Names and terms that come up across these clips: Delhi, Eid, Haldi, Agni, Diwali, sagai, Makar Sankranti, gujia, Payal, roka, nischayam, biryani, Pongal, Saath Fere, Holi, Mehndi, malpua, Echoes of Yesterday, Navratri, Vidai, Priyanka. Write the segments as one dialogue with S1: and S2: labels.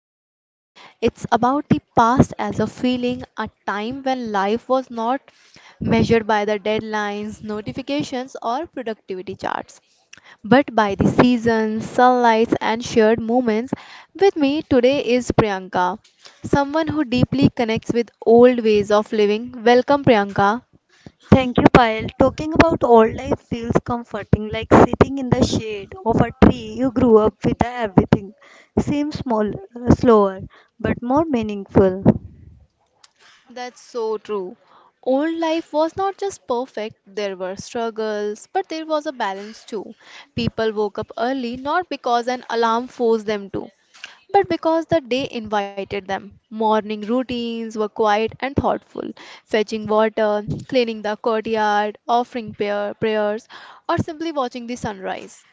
S1: a history. It's about the past as a feeling, a time when life was not measured by the deadlines, notifications or productivity charts, but by the seasons, sunlights and shared moments. With me today is Priyanka, someone who deeply connects with old ways of living. Welcome Priyanka.
S2: Thank you, Payal. Talking about old life feels comforting, like sitting in the shade of a tree you grew up with. Everything seems small, slower, but more meaningful.
S1: That's so true. Old life was not just perfect, there were struggles, but there was a balance too. People woke up early not because an alarm forced them to, but because the day invited them. Morning routines were quiet and thoughtful, fetching water, cleaning the courtyard, offering prayers, or simply watching the sunrise.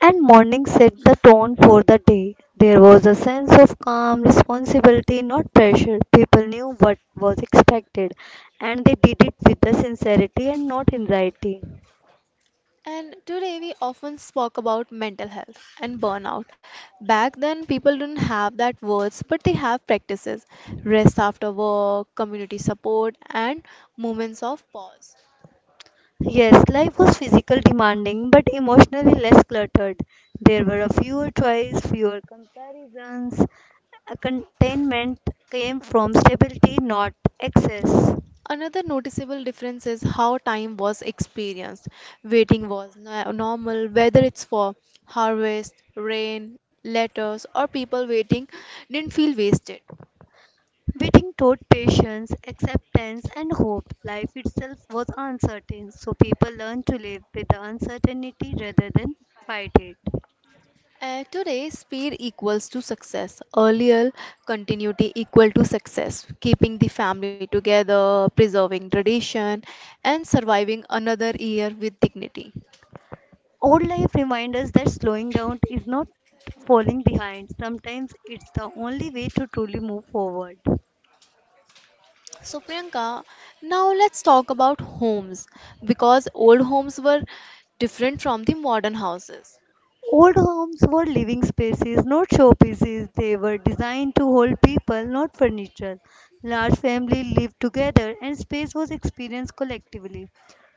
S2: And morning set the tone for the day. There was a sense of calm, responsibility, not pressure. People knew what was expected, and they did it with the sincerity and not anxiety.
S1: And today we often spoke about mental health and burnout. Back then, people didn't have that words, but they have practices, rest after work, community support, and moments of pause.
S2: Yes, life was physical demanding but emotionally less cluttered. There were a fewer choice, fewer comparisons. A containment came from stability, not excess.
S1: Another noticeable difference is how time was experienced. Waiting was normal, whether it's for harvest, rain, letters, or people waiting didn't feel wasted.
S2: Waiting taught patience, acceptance, and hope. Life itself was uncertain, so people learned to live with the uncertainty rather than fight it.
S1: Today, speed equals to success. Earlier, continuity equal to success. Keeping the family together, preserving tradition, and surviving another year with dignity.
S2: Old life reminds us that slowing down is not falling behind. Sometimes it's the only way to truly move forward.
S1: So, Priyanka, now let's talk about homes because old homes were different from the modern houses.
S2: Old homes were living spaces, not showpieces. They were designed to hold people, not furniture. Large families lived together and space was experienced collectively.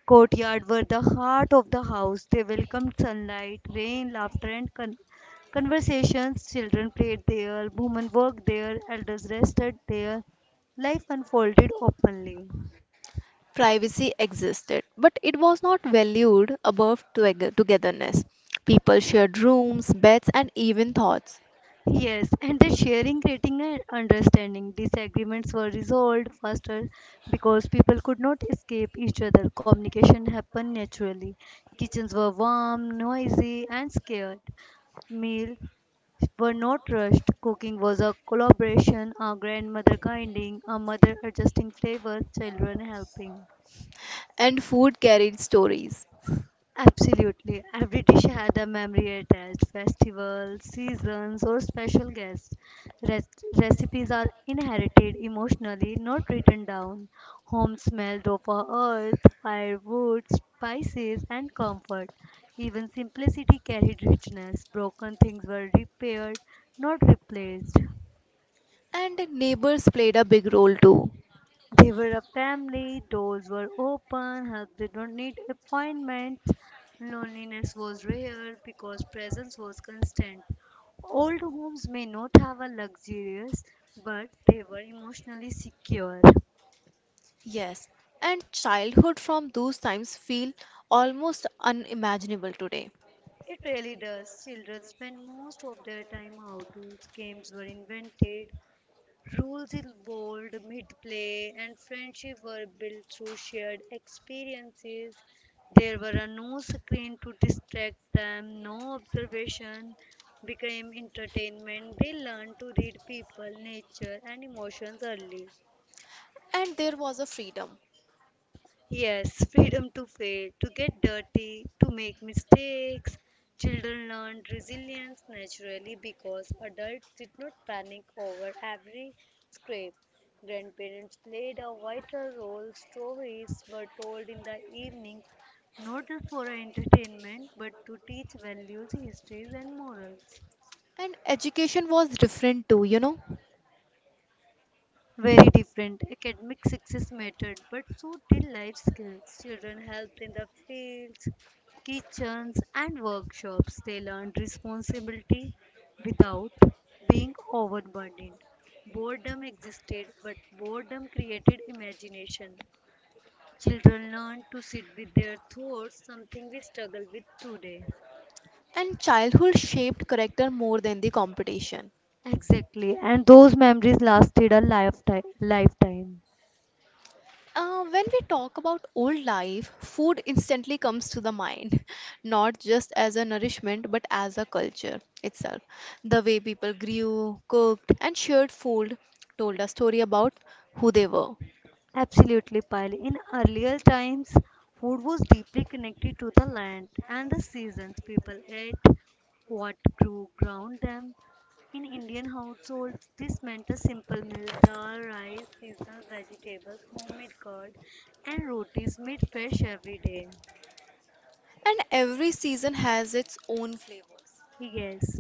S2: Courtyards were the heart of the house. They welcomed sunlight, rain, laughter, and conversations. Children played there, women worked there, elders rested there. Life unfolded openly.
S1: Privacy existed, but it was not valued above togetherness. People shared rooms, beds, and even thoughts,
S2: Yes, and the sharing, creating, and understanding. Disagreements were resolved faster because people could not escape each other. Communication happened naturally. Kitchens were warm, noisy, and scared. Meals were not rushed. Cooking was a collaboration, a grandmother guiding, a mother adjusting flavor, children helping.
S1: and food carried stories.
S2: Absolutely. Every dish had a memory attached, festivals, seasons, or special guests. Re- Recipes are inherited emotionally, not written down. Home smelled of our earth, firewood, spices, and comfort. Even simplicity carried richness. Broken things were repaired, not replaced.
S1: And neighbors played a big role too.
S2: They were a family, doors were open, help did not need appointments, loneliness was rare because presence was constant. Old homes may not have a luxurious, but they were emotionally secure.
S1: Yes, and childhood from those times feel almost unimaginable today.
S2: It really does. Children spend most of their time outdoors. Games were invented, rules in bold, mid play, and friendship were built through shared experiences. There were a no screen to distract them, no observation became entertainment. They learned to read people, nature, and emotions early.
S1: And there was a freedom.
S2: Yes, freedom to fail, to get dirty, to make mistakes. Children learned resilience naturally because adults did not panic over every scrape. Grandparents played a vital role. Stories were told in the evenings, not just for entertainment, but to teach values, histories, and morals.
S1: And education was different too, you know.
S2: Very different. Academic success mattered, but so did life skills. Children helped in the fields, kitchens, and workshops. They learned responsibility without being overburdened. Boredom existed, but boredom created imagination. Children learned to sit with their thoughts, something we struggle with today.
S1: And childhood shaped character more than the competition.
S2: Exactly, and those memories lasted a lifetime.
S1: When we talk about old life, food instantly comes to the mind, not just as a nourishment but as a culture itself. The way people grew, cooked, and shared food told a story about who they were.
S2: Absolutely, Pyle. In earlier times, food was deeply connected to the land and the seasons. People ate what grew around them. In Indian households, this meant a simple meal dal, rice, seasonal vegetables, homemade curd, and rotis made fresh every day.
S1: And every season has its own flavors.
S2: Yes,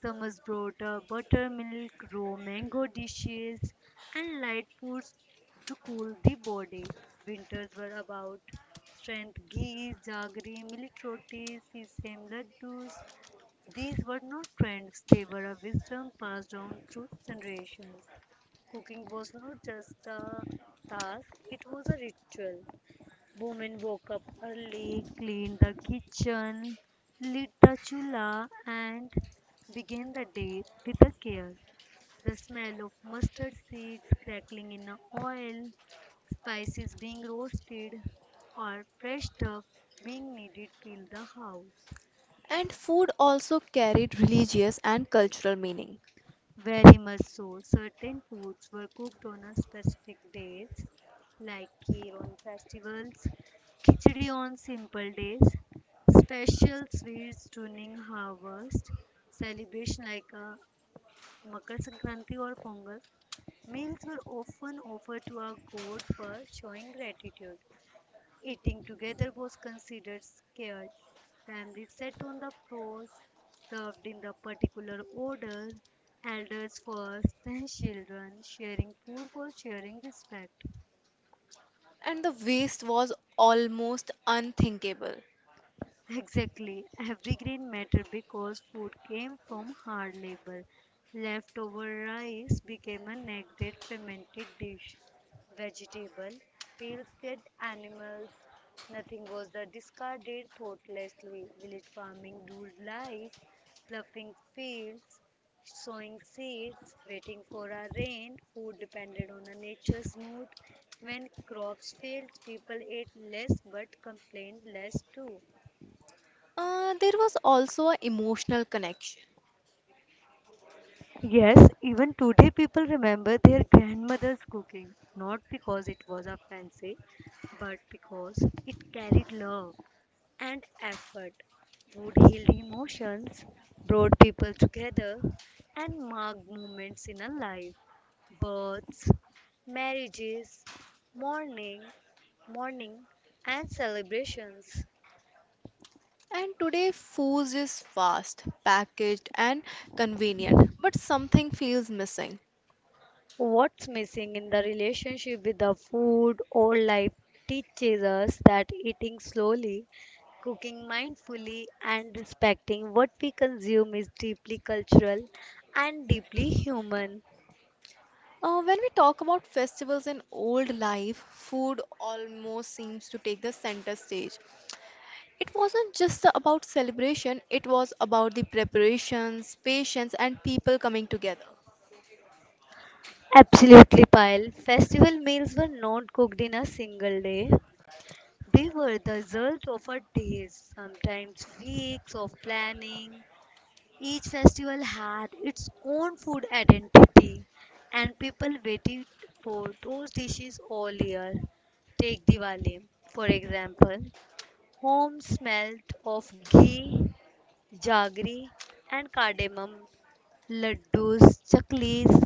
S2: summers brought buttermilk, raw mango dishes, and light foods to cool the body. Winters were about strength ghee, jaggery, millet rotis, sesame laddus. These were not trends, they were a wisdom passed down through generations. Cooking was not just a task, it was a ritual. Women woke up early, cleaned the kitchen, lit the chula, and began the day with a care. The smell of mustard seeds crackling in the oil, spices being roasted, or fresh stuff being kneaded filled the house.
S1: And food also carried religious and cultural meaning.
S2: Very much so. Certain foods were cooked on a specific days, like kheer on festivals, khichdi on simple days, special sweets during harvest, celebration like Makar Sankranti or Pongal. Meals were often offered to a god for showing gratitude. Eating together was considered sacred. Families sat on the floors, served in the particular order, elders first, then children. Sharing food was sharing respect.
S1: And the waste was almost unthinkable.
S2: Exactly. Every grain mattered because food came from hard labor. Leftover rice became a neglected fermented dish. Vegetable peels fed animals. Nothing was the discarded thoughtlessly. Village farming ruled life, ploughing fields, sowing seeds, waiting for a rain. Food depended on a nature's mood. When crops failed, people ate less but complained less too.
S1: There was also an emotional connection.
S2: Yes, even today people remember their grandmother's cooking, not because it was a fancy, but because it carried love and effort. Food healed emotions, brought people together, and marked moments in a life. Births, marriages, mourning, mourning, and celebrations.
S1: And today, food is fast, packaged, and convenient, but something feels missing.
S2: What's missing in the relationship with the food or life teaches us that eating slowly, cooking mindfully, and respecting what we consume is deeply cultural and deeply human.
S1: When we talk about festivals in old life, food almost seems to take the center stage. It wasn't just about celebration, it was about the preparations, patience, and people coming together.
S2: Absolutely, Pyle. Festival meals were not cooked in a single day. They were the result of a days, sometimes weeks of planning. Each festival had its own food identity, and people waited for those dishes all year. Take Diwali, for example. Home smelled of ghee, jaggery, and cardamom. Laddus, chaklis,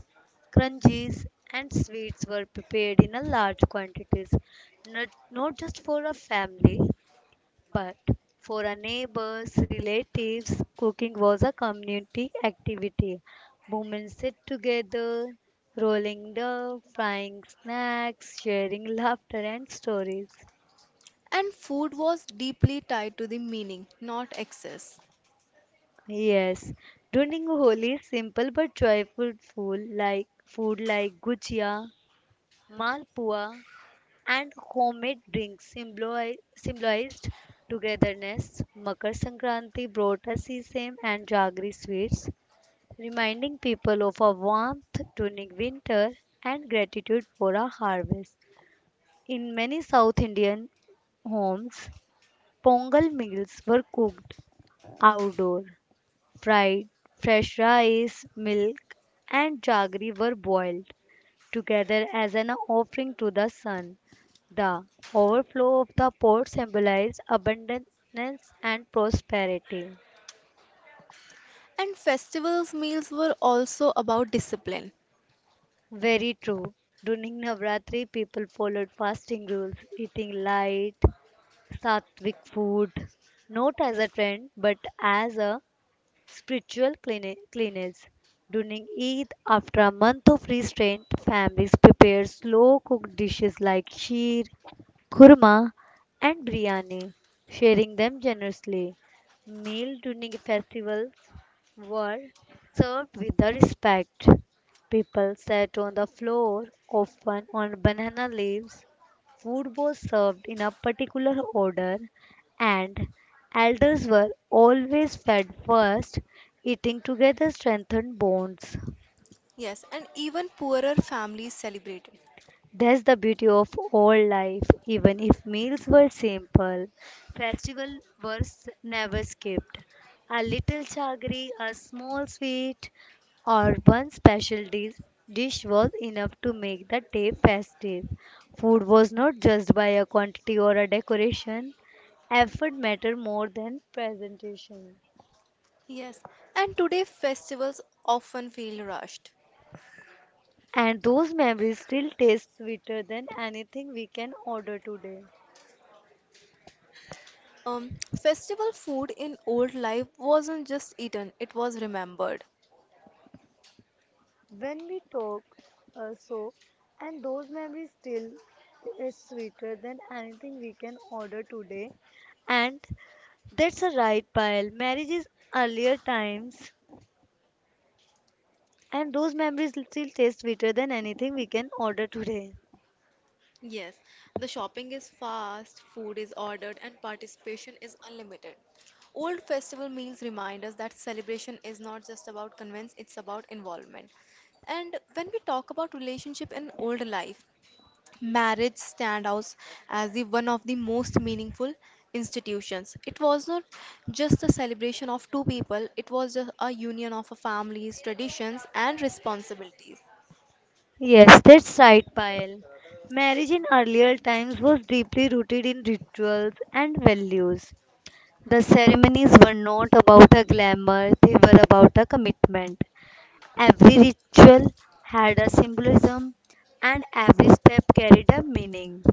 S2: crunchies, and sweets were prepared in a large quantities, not just for a family, but for our neighbors, relatives, cooking was a community activity. Women sit together, rolling dough, frying snacks, sharing laughter and stories.
S1: And food was deeply tied to the meaning, not excess.
S2: Yes, during Holi, simple but joyful food like gujia, malpua, and homemade drinks symbolized togetherness. Makar Sankranti brought us sesame and jaggery sweets reminding people of a warmth during winter and gratitude for a harvest. In many South Indian homes, Pongal meals were cooked outdoor. Fried, fresh rice, milk, and jaggery were boiled together as an offering to the sun. The overflow of the pot symbolized abundance and prosperity.
S1: And festivals meals were also about discipline.
S2: Very true. During Navratri, people followed fasting rules, eating light, sattvic food, not as a trend but as a spiritual cleanliness. During Eid, after a month of restraint, families prepare slow cooked dishes like sheer, kurma, and biryani, sharing them generously. Meal during festivals were served with the respect. People sat on the floor, often on banana leaves. Food was served in a particular order, and elders were always fed first. Eating together strengthened bonds.
S1: Yes, and even poorer families celebrated.
S2: That's the beauty of old life. Even if meals were simple, festivals were never skipped. A little chagri, a small sweet, or one special dish was enough to make the day festive. Food was not judged by a quantity or a decoration. Effort mattered more than presentation.
S1: Yes, and today festivals often feel rushed.
S2: And those memories still taste sweeter than anything we can order today.
S1: Um, Festival food in old life wasn't just eaten, it was remembered.
S2: When we talk so, and those memories still is sweeter than we can all day and that's a right pile Marriage is earlier times and those memories still taste sweeter than anything we can order today.
S1: Yes, the shopping is fast, food is ordered, and participation is unlimited. Old festival meals remind us that celebration is not just about convenience, it's about involvement. And when we talk about relationship in old life, Marriage stand out as the one of the most meaningful institutions. It was not just a celebration of two people, it was just a union of a family's traditions and responsibilities.
S2: Yes, that's right, pile marriage in earlier times was deeply rooted in rituals and values. The ceremonies were not about a glamour, they were about a commitment. Every ritual had a symbolism, and every step carried a meaning.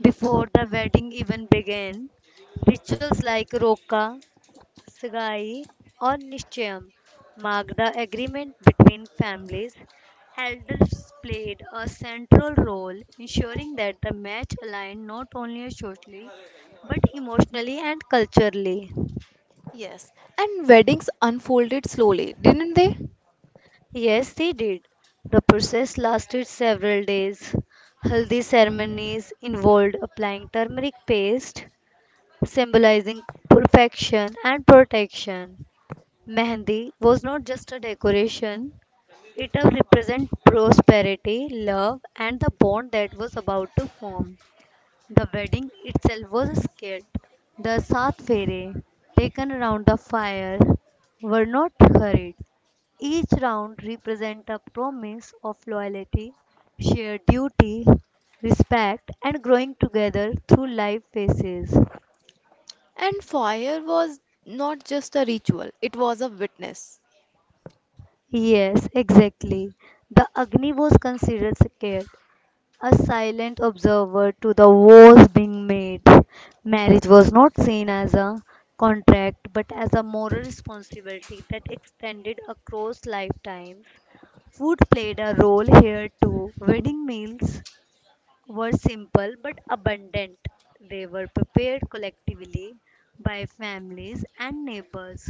S2: Before the wedding even began, rituals like roka, sagai, or nischayam marked the agreement between families. Elders played a central role, ensuring that the match aligned not only socially but emotionally and culturally.
S1: Yes, and weddings unfolded slowly, didn't they?
S2: Yes, they did. The process lasted several days. Haldi ceremonies involved applying turmeric paste, symbolizing perfection and protection. Mehndi was not just a decoration, it represented prosperity, love, and the bond that was about to form. The wedding itself was a skit. The Saath Fere, taken around the fire, were not hurried. Each round represents a promise of loyalty, shared duty, respect, and growing together through life phases.
S1: And fire was not just a ritual, it was a witness.
S2: Yes, exactly. The Agni was considered scared, a silent observer to the wars being made. Marriage was not seen as a contract but as a moral responsibility that extended across lifetimes. Food played a role here too. Wedding meals were simple but abundant. They were prepared collectively by families and neighbors.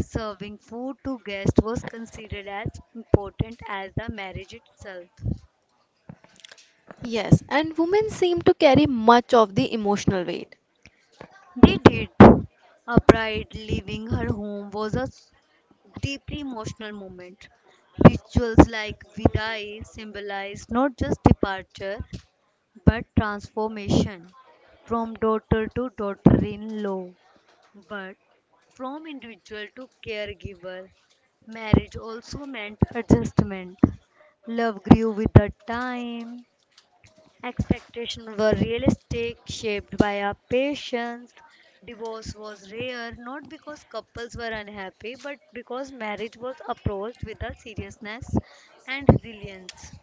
S2: Serving food to guests was considered as important as the marriage itself.
S1: Yes, and women seem to carry much of the emotional weight.
S2: They did. A bride leaving her home was deeply emotional moment. Rituals like Vidai symbolize not just departure but transformation from daughter to daughter in law. But from individual to caregiver, marriage also meant adjustment. Love grew with the time. Expectations were realistic, shaped by our patience. Divorce was rare, not because couples were unhappy, but because marriage was approached with a seriousness and resilience.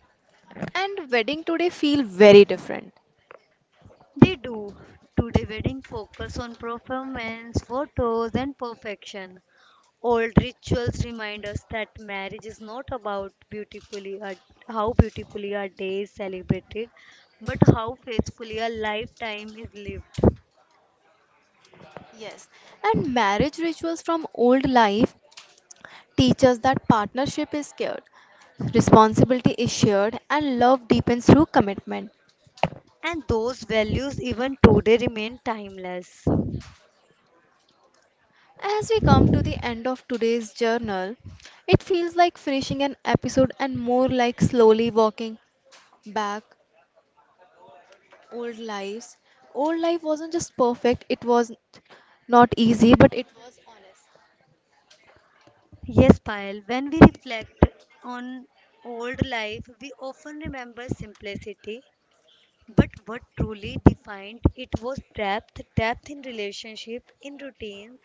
S1: And wedding today feel very different.
S2: They do. Today, wedding focus on performance, photos, and perfection. Old rituals remind us that marriage is not about how beautifully a day is celebrated, but how faithfully a lifetime is lived.
S1: Yes, and marriage rituals from old life teaches that partnership is scared, responsibility is shared, and love deepens through commitment.
S2: And those values even today remain timeless.
S1: As we come to the end of today's journal, it feels like finishing an episode and more like slowly walking back old lives. Old life wasn't just perfect, it was not easy, but it was honest.
S2: Yes, Payal, when we reflect on old life, we often remember simplicity. But what truly defined it was depth, depth in relationship, in routines,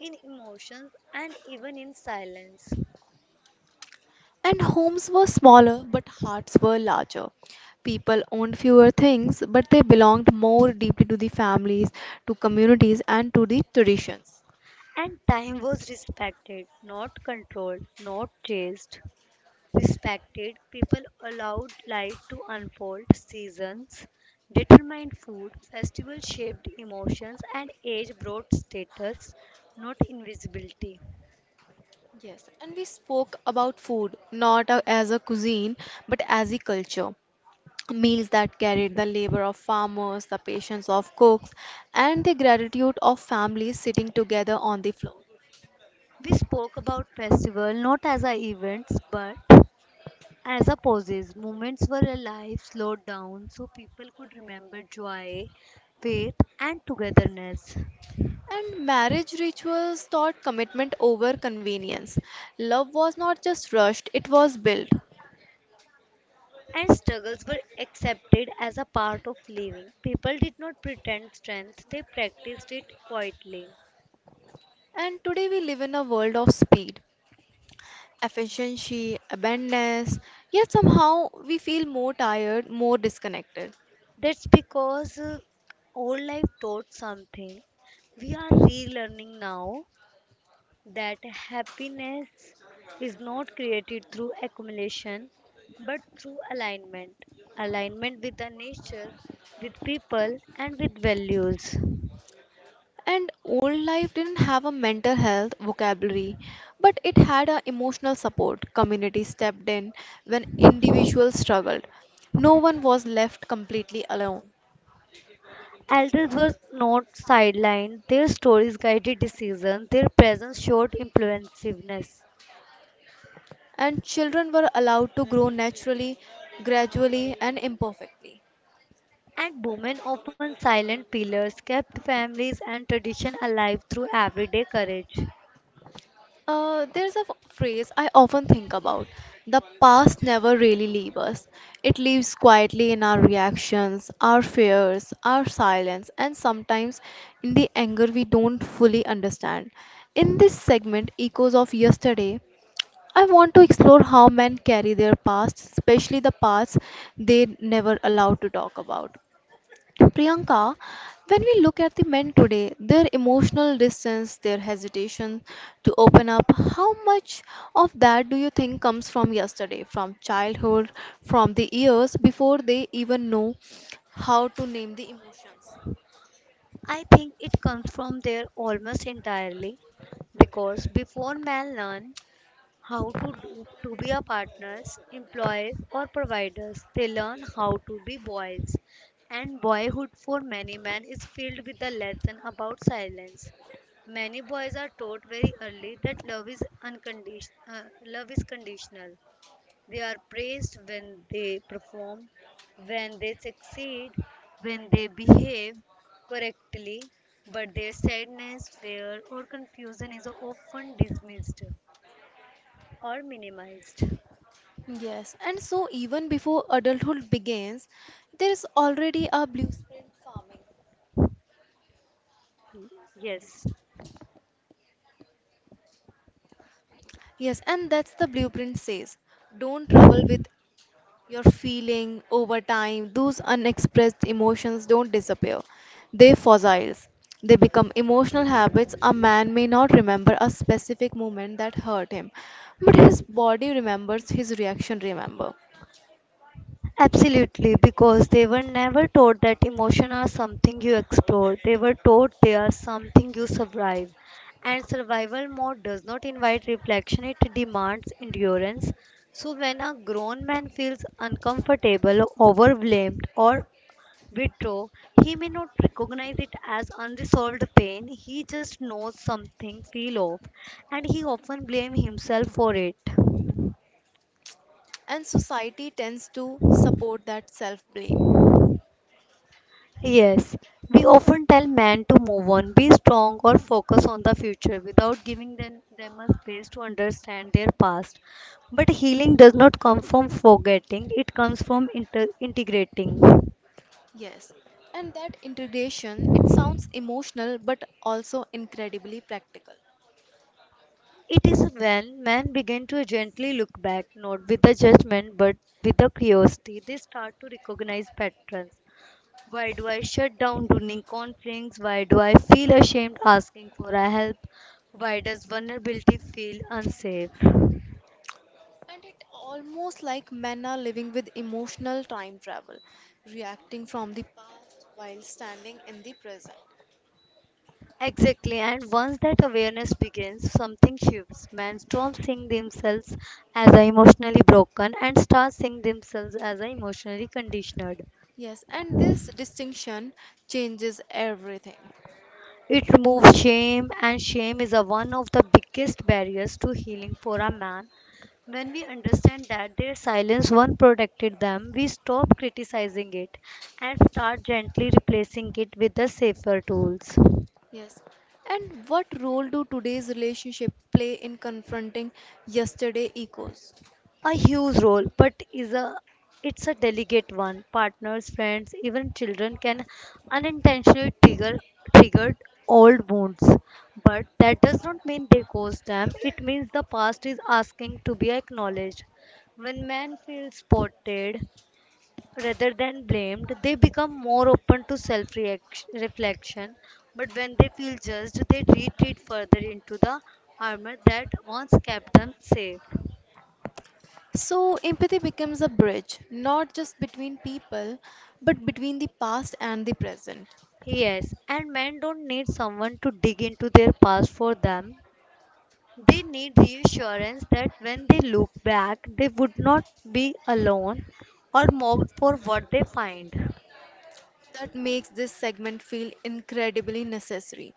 S2: in emotions, and even in silence.
S1: And homes were smaller, but hearts were larger. People owned fewer things, but they belonged more deeply to the families, to communities, and to the traditions.
S2: And time was respected, not controlled, not chased. Respected, people allowed life to unfold. Seasons determined food, festivals shaped emotions, and age brought status, not invisibility.
S1: Yes, and we spoke about food not a- as a cuisine but as a culture. Meals that carried the labor of farmers, the patience of cooks, and the gratitude of families sitting together on the floor.
S2: We spoke about festival not as a events but as a pauses. Moments were alive, slowed down, so people could remember joy, faith, and togetherness.
S1: And marriage rituals taught commitment over convenience. Love was not just rushed, it was built.
S2: And struggles were accepted as a part of living. People did not pretend strength, they practiced it quietly.
S1: And today we live in a world of speed, efficiency, abundance, yet somehow we feel more tired, more disconnected.
S2: That's because old life taught something. We are relearning now that happiness is not created through accumulation but through alignment. Alignment with the nature, with people, and with values.
S1: And old life didn't have a mental health vocabulary, but it had a emotional support. Community stepped in when individuals struggled. No one was left completely alone.
S2: Elders were not sidelined, their stories guided decisions, their presence showed influensiveness.
S1: And children were allowed to grow naturally, gradually, and imperfectly.
S2: And women, often silent pillars, kept families and tradition alive through everyday courage.
S1: There's a phrase I often think about, the past never really leaves us, it lives quietly in our reactions, our fears, our silence, and sometimes in the anger we don't fully understand. In this segment, Echoes of Yesterday, I want to explore how men carry their past, especially the parts they never allowed to talk about. Priyanka, when we look at the men today, their emotional distance, their hesitation to open up, how much of that do you think comes from yesterday, from childhood, from the years before they even know how to name the emotions?
S2: I think it comes from there almost entirely because before man learned how to do to be a partners employer or providers, they learn how to be boys, and boyhood for many men is filled with the lesson about silence. Many boys are taught very early that love is unconditional, love is conditional. They are praised when they perform, when they succeed, when they behave correctly, but their sadness, fear or confusion is often dismissed or minimized.
S1: Yes, and so even before adulthood begins, there is already a blueprint farming.
S2: Y- Yes.
S1: Yes, and that's the blueprint says don't trouble with your feeling over time, those unexpressed emotions don't disappear. They fossils. They become emotional habits. A man may not remember a specific moment that hurt him, but his body remembers, his reaction remember.
S2: Absolutely, because they were never taught that emotion are something you explore. They were taught they are something you survive. And survival mode does not invite reflection, it demands endurance. So when a grown man feels uncomfortable, overwhelmed, or withdraw, he may not recognize it as unresolved pain. He just knows something feel off, and he often blame himself for it.
S1: And society tends to support that self blame.
S2: Yes, we often tell men to move on, be strong, or focus on the future without giving them a space to understand their past. But healing does not come from forgetting, it comes from integrating.
S1: Yes. And that integration, it sounds emotional but also incredibly practical.
S2: It is when men begin to gently look back, not with a judgment but with a curiosity, they start to recognize patterns. Why do I shut down during conflicts? Why do I feel ashamed asking for a help? Why does vulnerability feel unsafe?
S1: And it almost like men are living with emotional time travel, reacting from the past while standing in the present.
S2: Exactly, and once that awareness begins, something shifts. Men stop seeing themselves as emotionally broken and start seeing themselves as emotionally conditioned.
S1: Yes, and this distinction changes everything.
S2: It removes shame, and shame is a, one of the biggest barriers to healing for a man. When we understand that their silence once protected them, we stop criticizing it and start gently replacing it with the safer tools.
S1: Yes. And what role do today's relationship play in confronting yesterday echoes?
S2: A huge role, but is a, it's a delicate one. Partners, friends, even children can unintentionally triggered old wounds, but that does not mean they caused them. It means the past is asking to be acknowledged. When men feel spotted rather than blamed, they become more open to self reflection, but when they feel judged, they retreat further into the armor that once kept them safe.
S1: So empathy becomes a bridge, not just between people, but between the past and the present.
S2: Yes, and men don't need someone to dig into their past for them. They need reassurance that when they look back, they would not be alone or mocked for what they find.
S1: That makes this segment feel incredibly necessary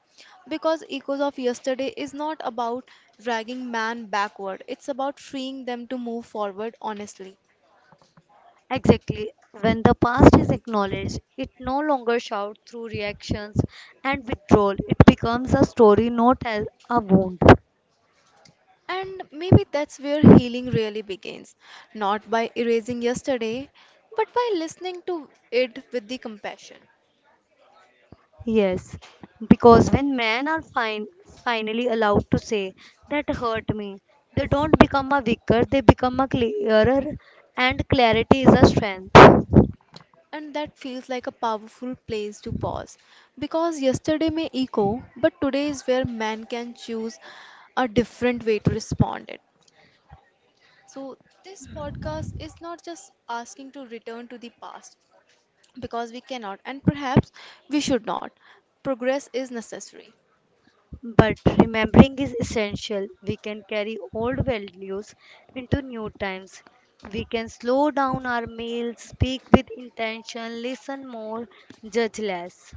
S1: because echoes of yesterday is not about dragging man backward, it's about freeing them to move forward honestly.
S2: Exactly. When the past is acknowledged, it no longer shouts through reactions and withdrawal. It becomes a story, not as a wound.
S1: And maybe that's where healing really begins, not by erasing yesterday but by listening to it with the compassion.
S2: Yes, because when men are finally allowed to say, that hurt me, they don't become a weaker, they become a clearer, and clarity is a strength.
S1: And that feels like a powerful place to pause because yesterday may echo but today is where man can choose a different way to respond it. So, this podcast is not just asking to return to the past because we cannot, and perhaps we should not. Progress is necessary,
S2: But remembering is essential. We can carry old values into new times. We can slow down our meals, speak with intention, listen more, judge less.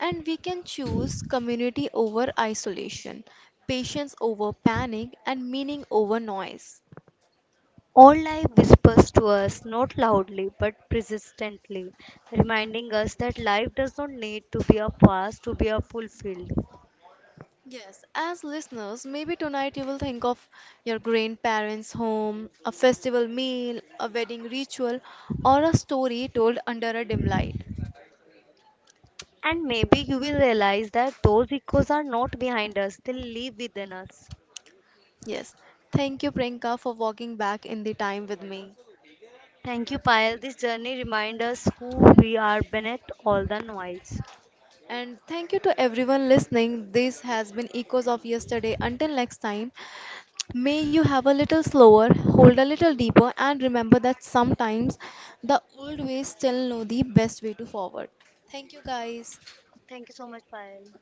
S1: and we can choose community over isolation, patience over panic, and meaning over noise.
S2: All life whispers to us, not loudly but persistently, reminding us that life does not need to be a past to be a fulfilled.
S1: Yes, as listeners, maybe tonight you will think of your grandparents' home, a festival meal, a wedding ritual, or a story told under a dim light.
S2: And maybe you will realize that those echoes are not behind us, they live within us.
S1: Yes. Thank you, Priyanka, for walking back in the time with me.
S2: Thank you, Payal. This journey reminds us who we are beneath all the noise.
S1: And thank you to everyone listening. This has been Echoes of Yesterday. Until next time, may you have a little slower, hold a little deeper, and remember that sometimes the old ways still know the best way to forward. Thank you, guys.
S2: Thank you so much, Payal.